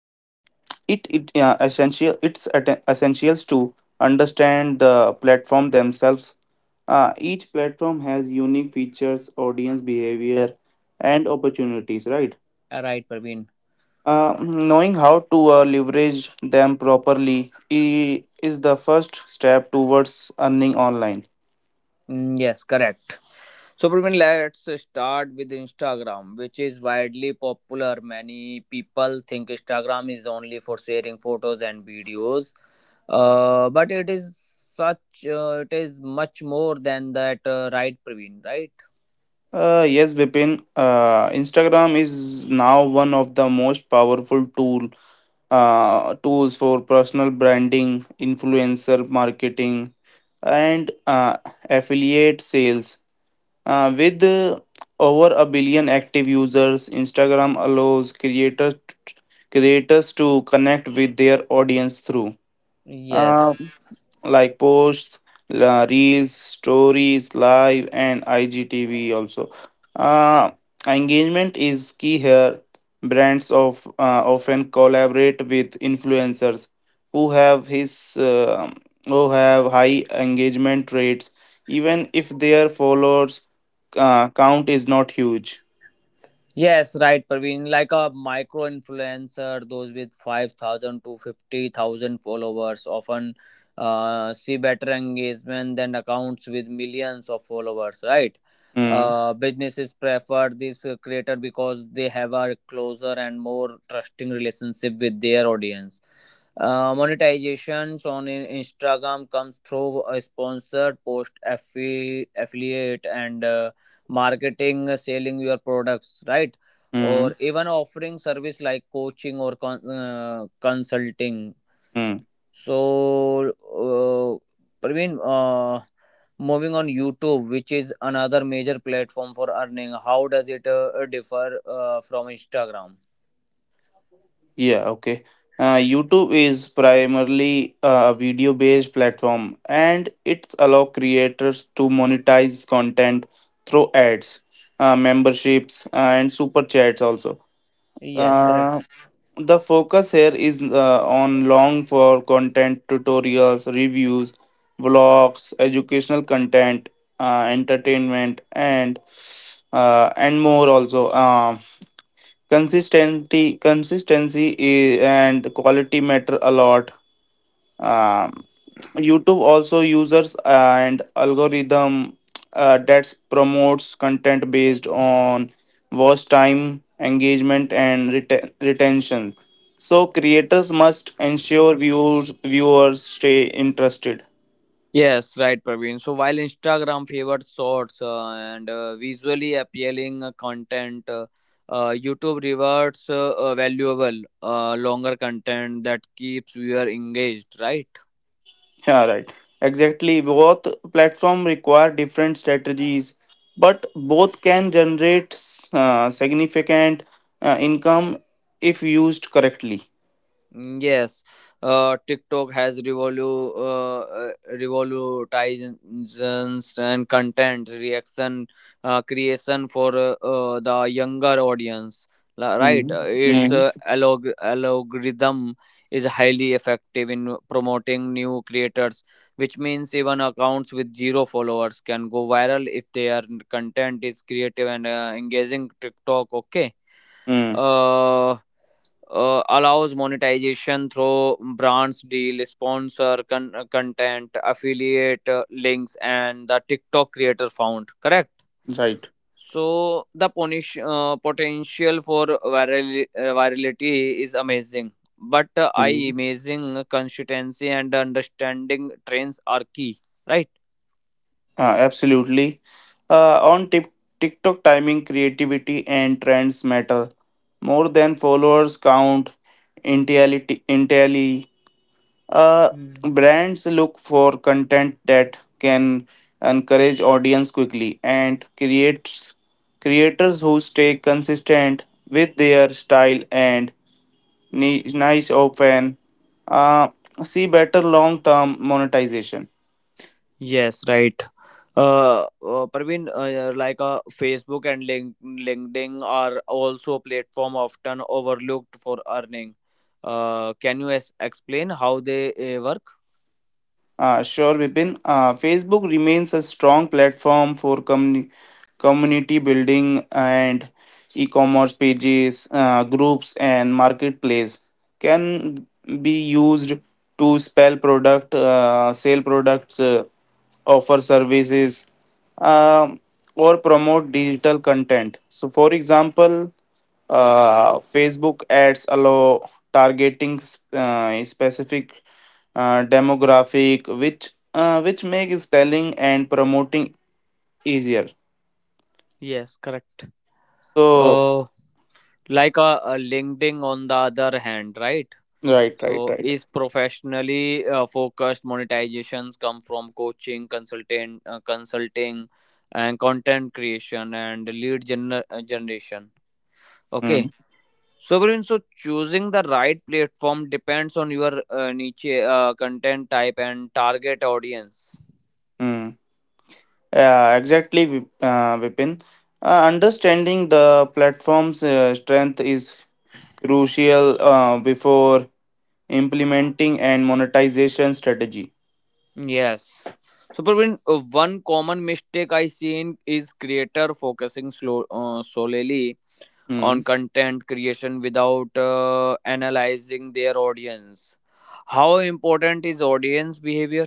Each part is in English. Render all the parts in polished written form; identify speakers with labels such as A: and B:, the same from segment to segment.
A: it it essential essentials to understand the platform themselves. Each platform has unique features, audience behavior, and opportunities. Right.
B: Right, Praveen.
A: Knowing how to leverage them properly is the first step towards earning online.
B: Mm, yes, correct. So, Praveen, let's start with Instagram, which is widely popular. Many people think Instagram is only for sharing photos and videos, but it is much more than that, right, Praveen? Right?
A: Yes, Vipin. Instagram is now one of the most powerful tools for personal branding, influencer marketing, and affiliate sales. With over a billion active users, Instagram allows creators to connect with their audience through.
B: Yes.
A: Uh, like posts, reels, stories, live, and IGTV also. Uh, Engagement is key here. Brands of often collaborate with influencers who have his uh, who have high engagement rates, even if their followers count is not huge.
B: Yes, right, Praveen. Like a micro influencer, those with 5,000 to 50,000 followers often see better engagement than accounts with millions of followers, right?
A: Mm,
B: Businesses prefer this creator because they have a closer and more trusting relationship with their audience. Monetizations on Instagram comes through a sponsored post, affiliate, and marketing, selling your products, right, or
A: mm,
B: even offering service like coaching or consulting.
A: mm.
B: So Praveen, moving on YouTube, which is another major platform for earning, how does it differ from Instagram?
A: Yeah, okay. YouTube is primarily a video-based platform, and it allows creators to monetize content through ads, memberships, and super chats also.
B: Yes, correct.
A: Uh, the focus here is on long form content, tutorials, reviews, vlogs, educational content, entertainment, and more also. Consistency and quality matter a lot. Um, YouTube also users and algorithm that promotes content based on watch time, engagement, and retention. So creators must ensure viewers stay interested.
B: Yes, right, Praveen. So while Instagram favors shorts and visually appealing content, YouTube rewards valuable longer content that keeps viewer engaged, right?
A: Yeah, right. Exactly. Both platform require different strategies, but both can generate significant income if used correctly.
B: Mm. Yes, TikTok has revolutionizations and content reaction creation for the younger audience. Right.
A: Mm,
B: Its
A: mm,
B: algorithm is highly effective in promoting new creators, which means even accounts with zero followers can go viral if their content is creative and engaging. TikTok, okay,
A: Mm,
B: uh, allows monetization through brands deal sponsor content, affiliate links, and the TikTok creator found, correct.
A: right.
B: So the punish, potential for viral, virality is amazing, but I
A: mm.
B: amazing consistency and understanding trends are key, right?
A: Uh, Absolutely. On TikTok, timing, creativity, and trends matter more than followers count entirely. entirely Uh,
B: Mm.
A: Brands look for content that can encourage audience quickly and creates creators who stay consistent with their style and niche often uh, see better long-term monetization.
B: Yes, right. Praveen, yeah, like Facebook and LinkedIn are also a platform often overlooked for earning. Can you explain how they work?
A: Sure, Vipin. Facebook remains a strong platform for community building and e-commerce pages, groups, and marketplace can be used to spell product, sell products, offer services, um or promote digital content. So, for example, Facebook ads allow targeting specific demographic, which make spelling and promoting easier.
B: Yes, correct.
A: So
B: Uh, like LinkedIn on the other hand, right?
A: right, right,
B: So
A: right.
B: is professionally focused, monetizations come from coaching, consultant, consulting, and content creation and lead generation.
A: Mm,
B: Okay. So, Praveen, so choosing the right platform depends on your niche, content type, and target audience.
A: mm. Yeah, exactly, Vipin. Understanding the platform's strength is crucial before implementing and monetization strategy.
B: Yes. So, Praveen, one common mistake I seen is creator focusing solely
A: Hmm.
B: on content creation without analyzing their audience. How important is audience behavior?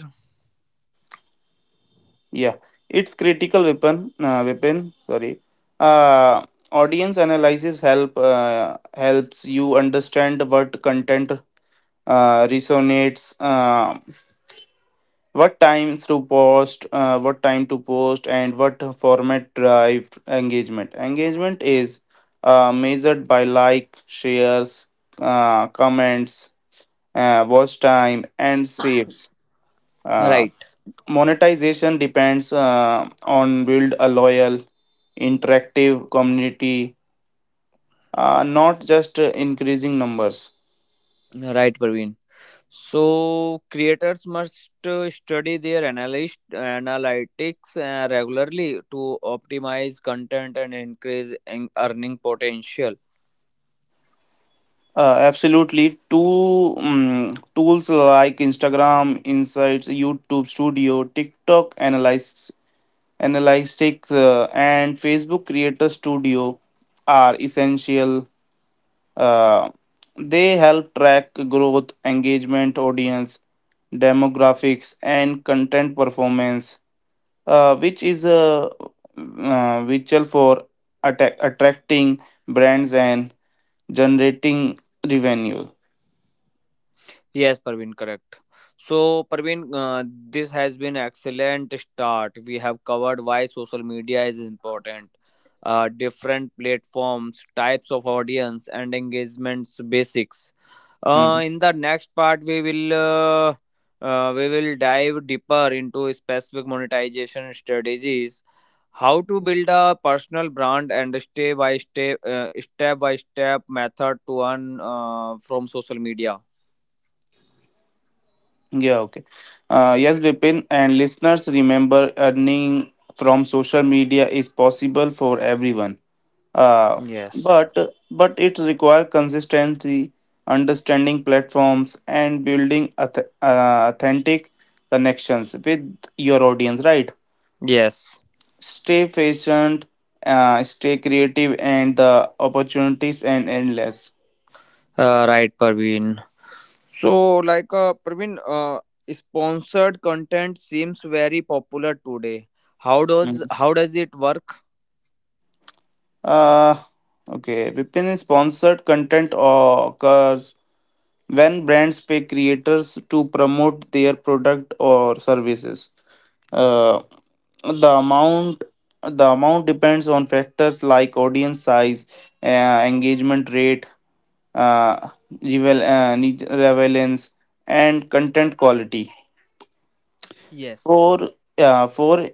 A: Yeah, its critical weapon sorry uh, audience analysis helps you understand what content resonates what time to post and what format drive engagement. Is measured by like shares comments watch time and saves.
B: Right,
A: Monetization depends on build a loyal, interactive community, not just increasing numbers.
B: right, Praveen. So creators must study their analyst analytics regularly to optimize content and increase in earning potential.
A: Absolutely. Two Tools like Instagram Insights, YouTube Studio, TikTok Analysis, Analytics, and Facebook Creator Studio are essential. Uh, they help track growth, engagement, audience, demographics, and content performance , which is vital for attracting brands and generating revenue.
B: Yes, Parveen, correct. So Parveen, this has been excellent start. We have covered why social media is important, different platforms, types of audience, and engagements basics.
A: Mm.
B: In the next part, we will dive deeper into specific monetization strategies, how to build a personal brand, and step by step method to earn from social media.
A: Yeah, okay. Yes, Vipin, and listeners, remember earning from social media is possible for everyone. Uh,
B: Yes.
A: but but it requires consistency, understanding platforms, and building authentic connections with your audience, right?
B: Yes.
A: Stay patient, stay creative, and the opportunities and endless.
B: Right, Parveen. So, like, Parveen, sponsored content seems very popular today.
A: Mm.
B: How does it work?
A: Uh, okay, Vipin is Sponsored content occurs when brands pay creators to promote their product or services. Uh, the amount the amount depends on factors like audience size, uh, engagement rate, uh, revel- uh, relevance, and content quality.
B: Yes.
A: For for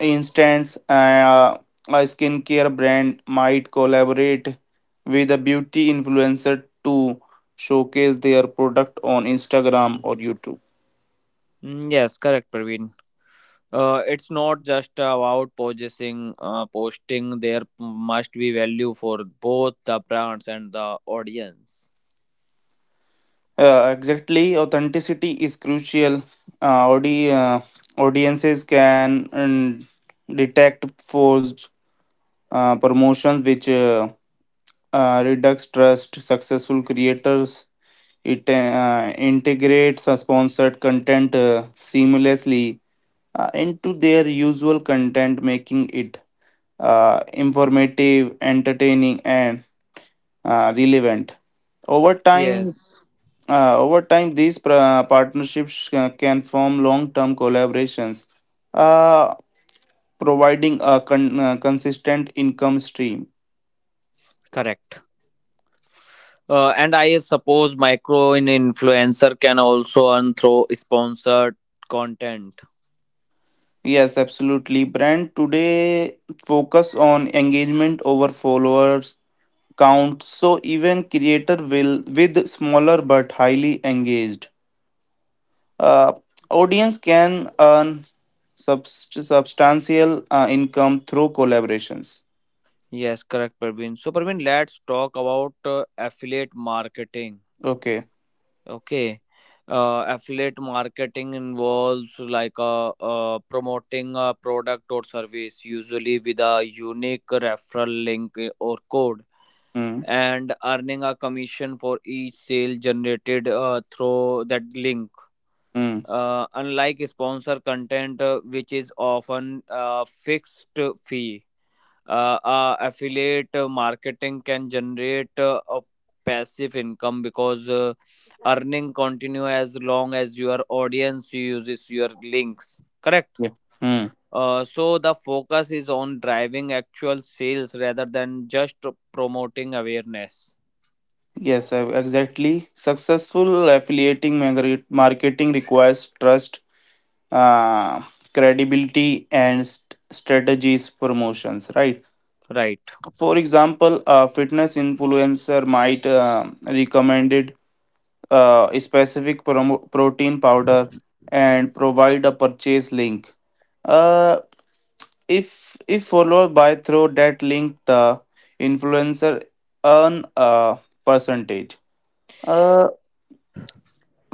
A: instance, a skincare brand might collaborate with a beauty influencer to showcase their product on Instagram or YouTube.
B: Mm, yes, correct, Parveen. It's not just about posting, there must be value for both the brands and the audience.
A: Exactly, authenticity is crucial. Uh, audi- uh, Audiences can detect forged promotions, which reduce trust. Successful creators it integrates sponsored content seamlessly into their usual content, making it informative, entertaining, and relevant. Over time,
B: Yes.
A: Over time, these partnerships can form long-term collaborations, uh, providing a consistent income stream.
B: Correct. And I suppose micro in influencer can also earn through sponsored content.
A: Yes, absolutely. Brand today focus on engagement over followers count, so even creator will with smaller but highly engaged Uh, audience can earn substantial income through collaborations.
B: Yes, correct, Praveen. So Praveen, let's talk about affiliate marketing.
A: Okay.
B: Okay. Affiliate marketing involves like promoting a product or service, usually with a unique referral link, or code,
A: Mm,
B: and earning a commission for each sale generated through that link.
A: mm,
B: Unlike sponsor content, which is often a fixed fee, affiliate marketing can generate a passive income, because earning continue as long as your audience uses your links, correct.
A: yeah. Mm.
B: So the focus is on driving actual sales rather than just promoting awareness,
A: Yes, exactly. Successful affiliating marketing requires trust, uh, credibility, and strategies promotions. Right.
B: right?
A: For example, a fitness influencer might recommend a specific protein powder and provide a purchase link. Uh, if if followed by through that link, the influencer earn a percentage. Uh,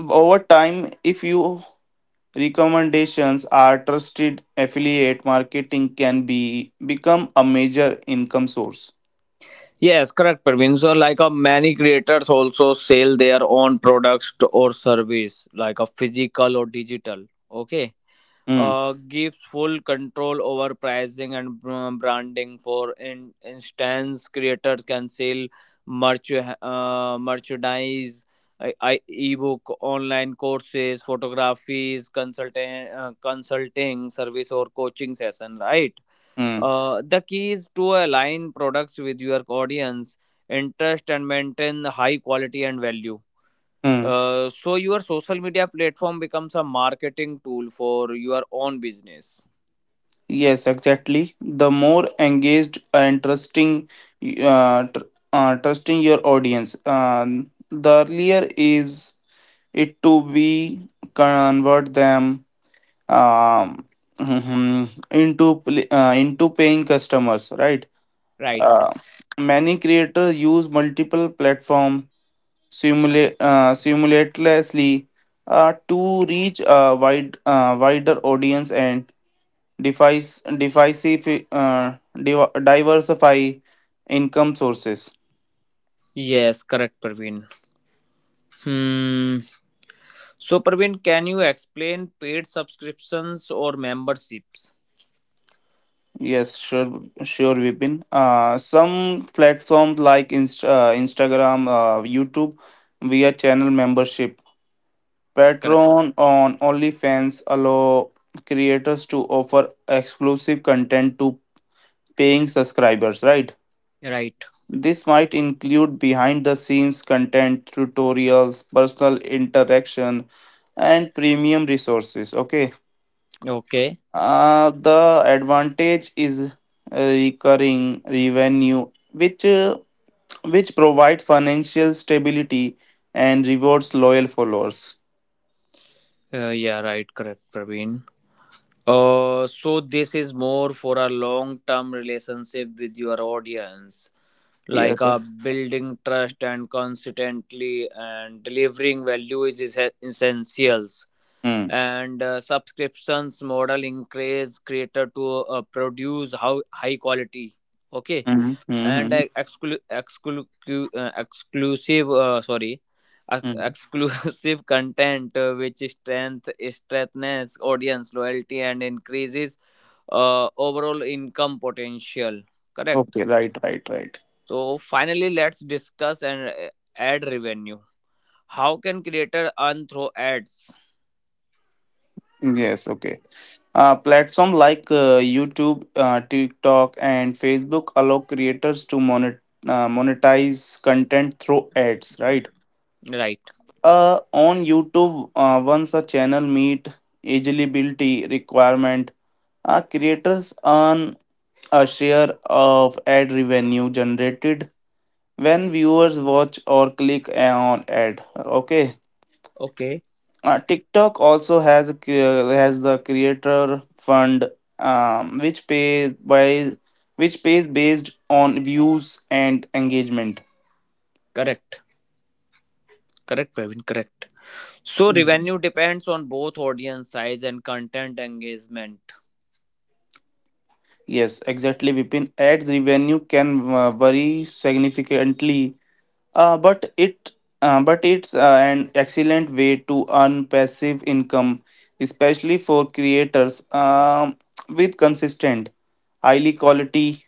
A: Over time, if your recommendations are trusted, affiliate marketing can be become a major income source.
B: Yes, correct, Praveen. So like many creators also sell their own products or service, like a physical or digital, okay,
A: Hmm.
B: gives full control over pricing and branding. For instance, creators can sell merchandise, ebook, online courses, photographies, consulting service, or coaching session. Right.
A: Hmm.
B: The key is to align products with your audience interest and maintain high quality and value.
A: Hmm.
B: So your social media platform becomes a marketing tool for your own business,
A: Yes, exactly. The more engaged and trusting, uh, tr- trusting your audience, the earlier is it to be convert them, um, into paying customers, right?
B: right?
A: Uh, Many creators use multiple platform simulate simultaneously to reach a wider audience and defies defies uh, diversify income sources.
B: Yes, correct, Praveen. Hmm. So Praveen, can you explain paid subscriptions or memberships?
A: Yes, sure, Vipin. Some platforms like Instagram, YouTube via channel membership,
B: Correct.
A: Patreon, on OnlyFans allow creators to offer exclusive content to paying subscribers, right?
B: Right.
A: This might include behind the scenes content, tutorials, personal interaction, and premium resources. Okay.
B: Okay.
A: The advantage is recurring revenue, which provides financial stability and rewards loyal followers.
B: Yeah, right, correct, Praveen. So this is more for a long-term relationship with your audience, like
A: Yes.
B: a building trust and consistently and delivering value is essentials.
A: Mm.
B: And subscriptions model increase creator to produce how high quality, okay, and
A: Mm-hmm.
B: uh, exclusive uh, sorry
A: Mm-hmm.
B: exclusive content which strengthens audience loyalty and increases overall income potential, correct.
A: Okay. Right.
B: So finally, let's discuss and ad revenue. How can creator earn through ads?
A: Yes. Okay. Platform like YouTube, TikTok, and Facebook allow creators to monetize content through ads, right?
B: Right.
A: On YouTube, once a channel meet eligibility requirement, creators earn a share of ad revenue generated when viewers watch or click on ad. Okay.
B: Okay.
A: TikTok also has has the creator fund, um, which pays by which pays based on views and engagement.
B: Correct. Correct, Praveen. Correct. So revenue depends on both audience size and content engagement.
A: Yes, exactly. Vipin, ads revenue can vary significantly, uh, but it but it's an excellent way to earn passive income, especially for creators with consistent, highly quality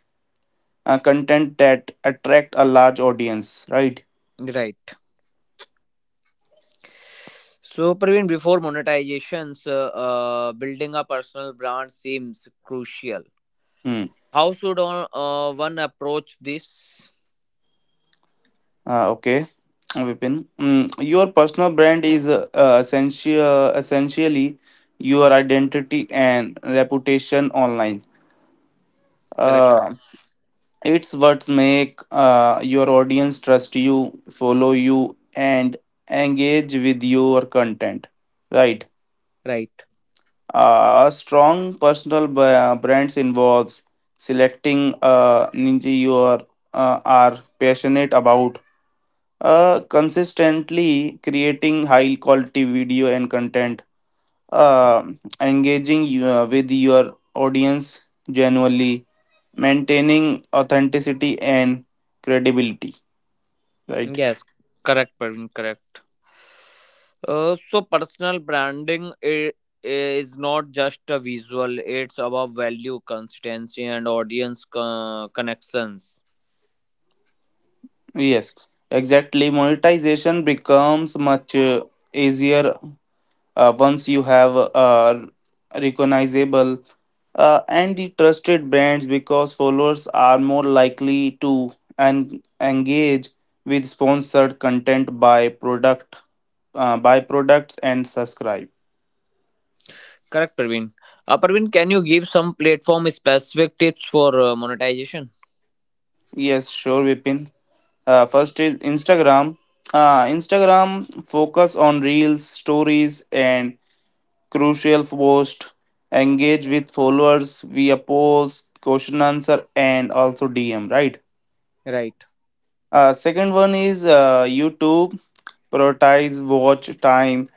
A: content that attract a large audience. Right.
B: Right. So Praveen, before monetizations, building a personal brand seems crucial.
A: Hmm.
B: How should one approach this?
A: Uh, okay, Vipin. Your personal brand is essentially your identity and reputation online.
B: Correct.
A: Uh, it's what make your audience trust you, follow you, and engage with your content. Right.
B: Right.
A: A strong personal brands involves selecting ninja you are passionate about, consistently creating high quality video and content, uh, engaging with your audience genuinely, maintaining authenticity and credibility, right?
B: Yes, correct, Praveen, correct. So personal branding is not just a visual, it's about value, consistency, and audience connections,
A: Yes, exactly. Monetization becomes much easier. Once you have recognizable and the trusted brands, because followers are more likely to engage with sponsored content by product, by products and subscribe.
B: correct, Praveen. Praveen, can you give some platform specific tips for monetization?
A: Yes, sure, Vipin. First is Instagram. Instagram, focus on reels, stories and crucial post, engage with followers via posts, question answer and also DM, right?
B: Right,
A: Second one is YouTube, prioritize watch time,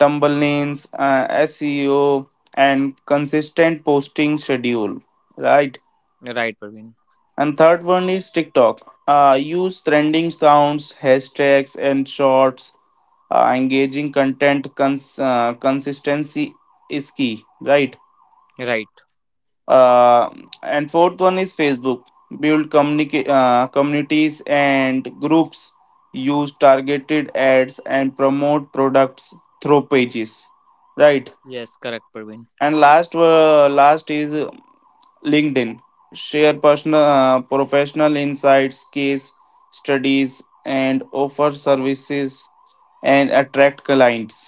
A: tumble lanes, SEO, and consistent posting schedule. Right.
B: right, Praveen,
A: And third one is TikTok. Use trending sounds, hashtags, and shorts. Engaging content consistency is key. Right.
B: right.
A: uh, and fourth one is Facebook, build communities and groups, use targeted ads and promote products through pages, right.
B: Yes, correct, Praveen,
A: And last is LinkedIn, share personal professional insights, case studies and offer services and attract clients,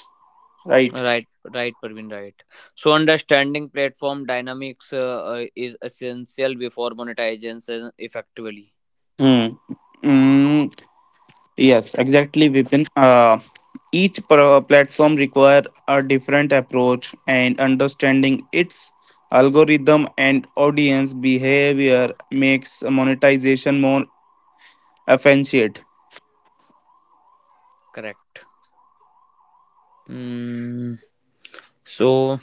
A: right.
B: right. Right, Praveen, right. So understanding platform dynamics is essential before monetization effectively,
A: Hmm. Mm, Yes, exactly, Vipin. Each platform require a different approach and understanding its algorithm and audience behavior makes monetization more efficient.
B: correct. Mm, so,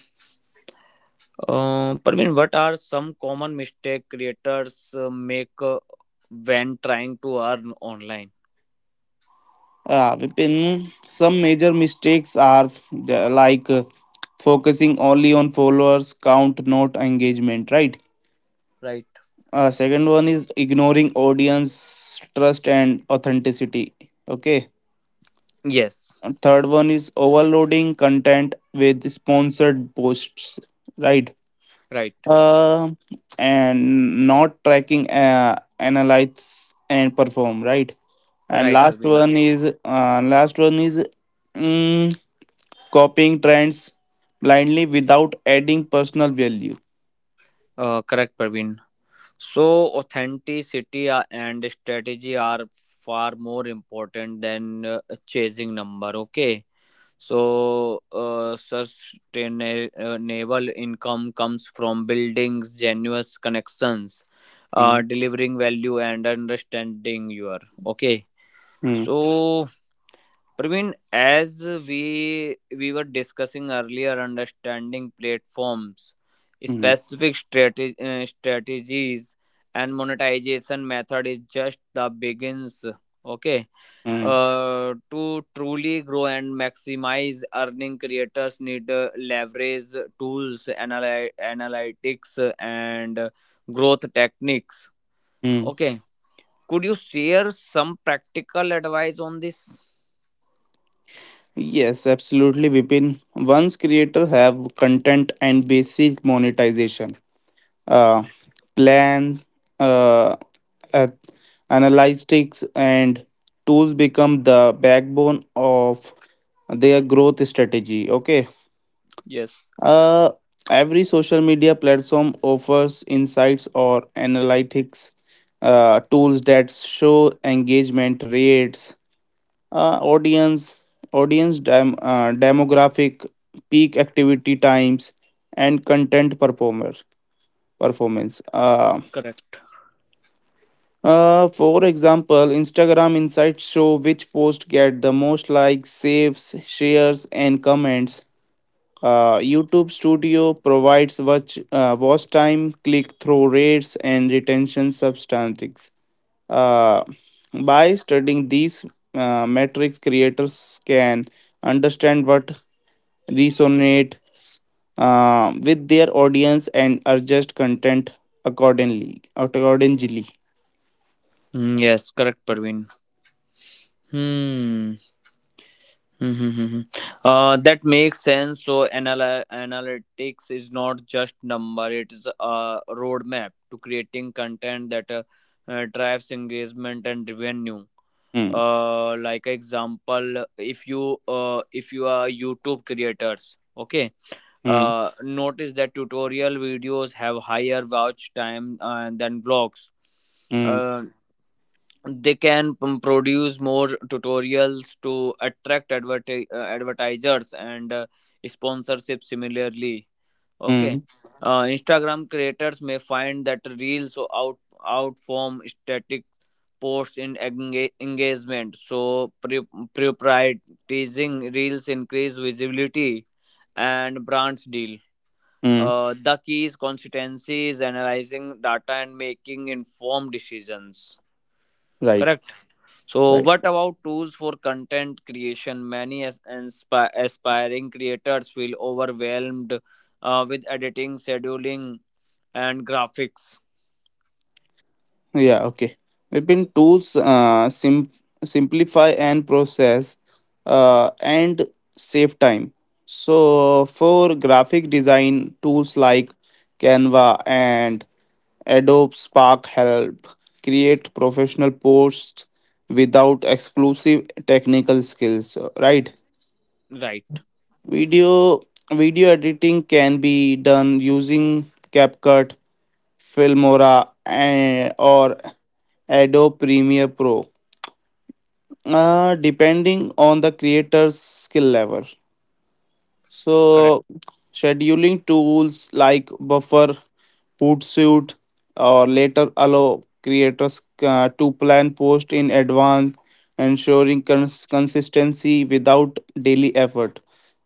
B: Parveen, what are some common mistake creators make when trying to earn online?
A: Vipin, some major mistakes are focusing only on followers count, not engagement, right?
B: Right.
A: Second one is ignoring audience trust and authenticity. Okay.
B: Yes.
A: And third one is overloading content with sponsored posts, right?
B: Right.
A: Uh, and not tracking analyze and perform, right? And
B: Right,
A: last
B: Parveen.
A: one is mm, copying trends blindly without adding personal value.
B: Correct, Parveen. So, authenticity and strategy are far more important than chasing number. Okay. So, sustainable income comes from building genuous connections,
A: Mm,
B: delivering value, and understanding your, okay.
A: mm,
B: So, Praveen, as we were discussing earlier, understanding platforms,
A: mm,
B: specific strategies, and monetization method is just the begins. Okay.
A: mm,
B: To truly grow and maximize earning, creators need leverage tools, analytics, and growth techniques.
A: mm.
B: Okay, could you share some practical advice on this?
A: Yes, absolutely, Vipin. Once creator have content and basic monetization, uh, plan, uh, uh, analytics, and tools become the backbone of their growth strategy. Okay.
B: Yes,
A: Uh, every social media platform offers insights or analytics tools that show engagement rates, uh, audience, audience demographic, peak activity times, and content performer performance.
B: correct.
A: For example, Instagram insights show which posts get the most likes, saves, shares, and comments. YouTube Studio provides watch time, click through rates, and retention statistics. Uh, by studying these metrics, creators can understand what resonates with their audience and adjust content accordingly.
B: Mm, yes, correct, Parveen. Hmm. Mm-hmm. That makes sense. So analytics is not just number; it's a roadmap to creating content that drives engagement and revenue.
A: Hmm,
B: Like example, if you are YouTube creators, okay,
A: hmm,
B: notice that tutorial videos have higher watch time than vlogs.
A: hmm.
B: Uh, they can produce more tutorials to attract advertisers and sponsorship similarly, okay.
A: Mm,
B: Instagram creators may find that reels or outform static posts in engagement, so prioritizing reels increase visibility and brands deal.
A: mm,
B: The key is consistency is analyzing data and making informed decisions,
A: right,
B: correct. So,
A: right.
B: what about tools for content creation? Many aspiring creators feel overwhelmed with editing, scheduling, and graphics.
A: Yeah, okay. Weapon tools simplify and process and save time. So, for graphic design, tools like Canva and Adobe Spark help create professional posts without exclusive technical skills, right?
B: Right,
A: Video Video editing can be done using CapCut, Filmora, and, or Adobe Premiere Pro, depending on the creator's skill level.
B: correct,
A: So, scheduling tools like Buffer, Hootsuite, or later allow creators to plan posts in advance, ensuring consistency without daily effort.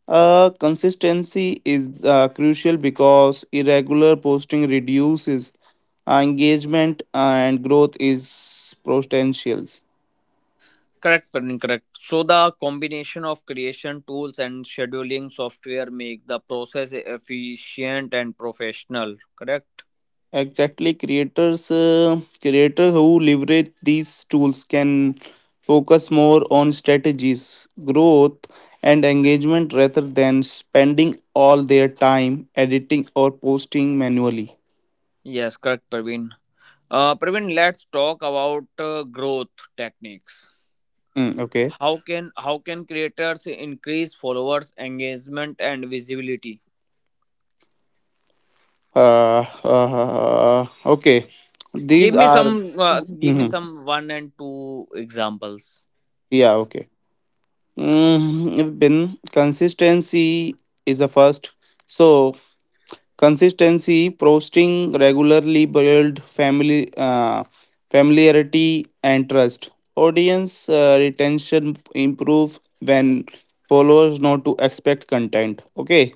A: Consistency is crucial because irregular posting reduces engagement and growth is potential.
B: correct, Praveen, correct. So, the combination of creation tools and scheduling software make the process efficient and professional, correct?
A: Exactly, creators who leverage these tools can focus more on strategies, growth, and engagement rather than spending all their time editing or posting manually.
B: Yes, correct, Praveen. Praveen, let's talk about growth techniques.
A: Okay.
B: How can creators increase followers, engagement, and visibility?
A: Okay. These are.
B: Give me
A: Mhm.
B: some one and two examples.
A: Yeah, okay. If been consistency is a first. So consistency, posting regularly build family familiarity and trust. Audience retention improve when followers know to expect content. Okay,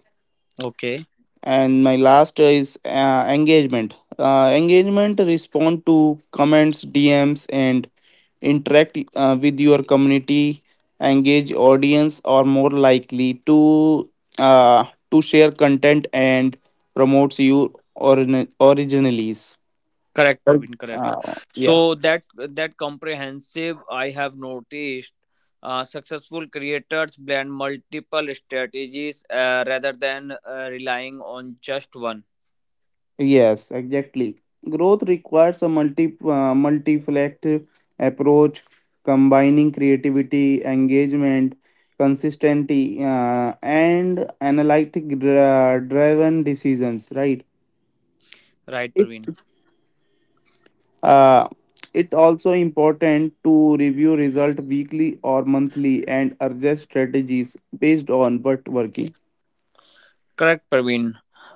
B: Okay,
A: and my last is engagement. Engagement respond to comments, DMs, and interact with your community, engage audience or more likely uh, to share content and promotes your originalities.
B: correct,
A: Right.
B: Praveen, correct.
A: uh, yeah
B: So that comprehensive, I have noticed. Successful creators blend multiple strategies rather than relying on just one.
A: yes, exactly. Growth requires a multi-faceted approach combining creativity, engagement, consistency, and analytic driven decisions, right.
B: Right,
A: It.
B: Praveen.
A: Uh, it's also important to review result weekly or monthly and adjust strategies based on what working.
B: Correct, Praveen.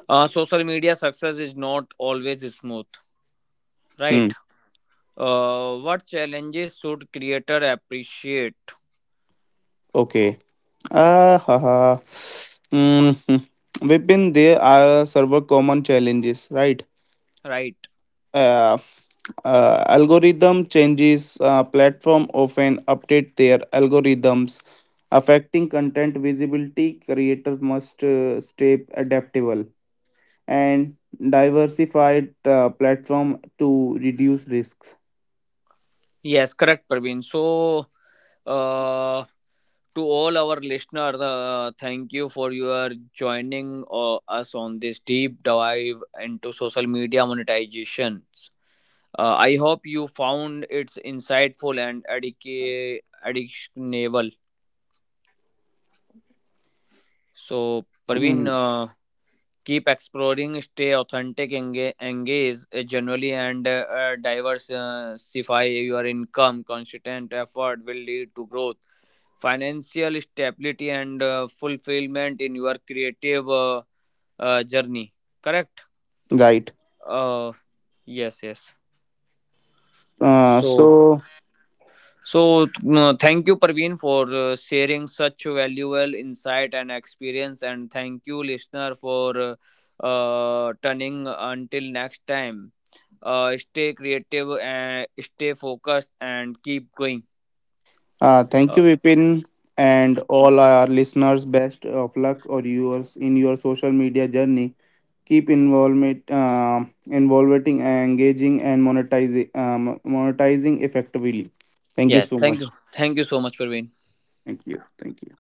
B: Social media success is not always smooth,
A: Hmm.
B: right? What challenges should creator appreciate?
A: Okay. Ah, ha, ha. Mm-hmm. Within there are several common challenges, right?
B: Right.
A: Uh, Algorithm changes. Platform often update their algorithms, affecting content visibility. Creator must stay adaptable and diversified platform to reduce risks.
B: Yes, correct, Praveen. So, uh, to all our listeners, thank you for your joining us on this deep dive into social media monetizations. I hope you found it insightful and addictionable. So, Praveen,
A: Mhm.
B: keep exploring, stay authentic, engage generally, and diversify your income, constant effort will lead to growth, financial stability, and fulfillment in your creative journey, correct.
A: Right.
B: uh, yes, yes.
A: Uh,
B: so
A: so,
B: So, thank you, Parveen, for sharing such valuable insight and experience. And thank you, listener, for turning until next time. Stay creative and stay focused and keep going.
A: Thank
B: Uh,
A: you, Vipin, and all our listeners. Best of luck or yours in your social media journey. Keep involvement, involving, engaging, and monetizing, monetizing effectively. Thank you
B: yes,
A: so
B: thank you.
A: much.
B: Thank you so much, Parveen.
A: Thank you. Thank you.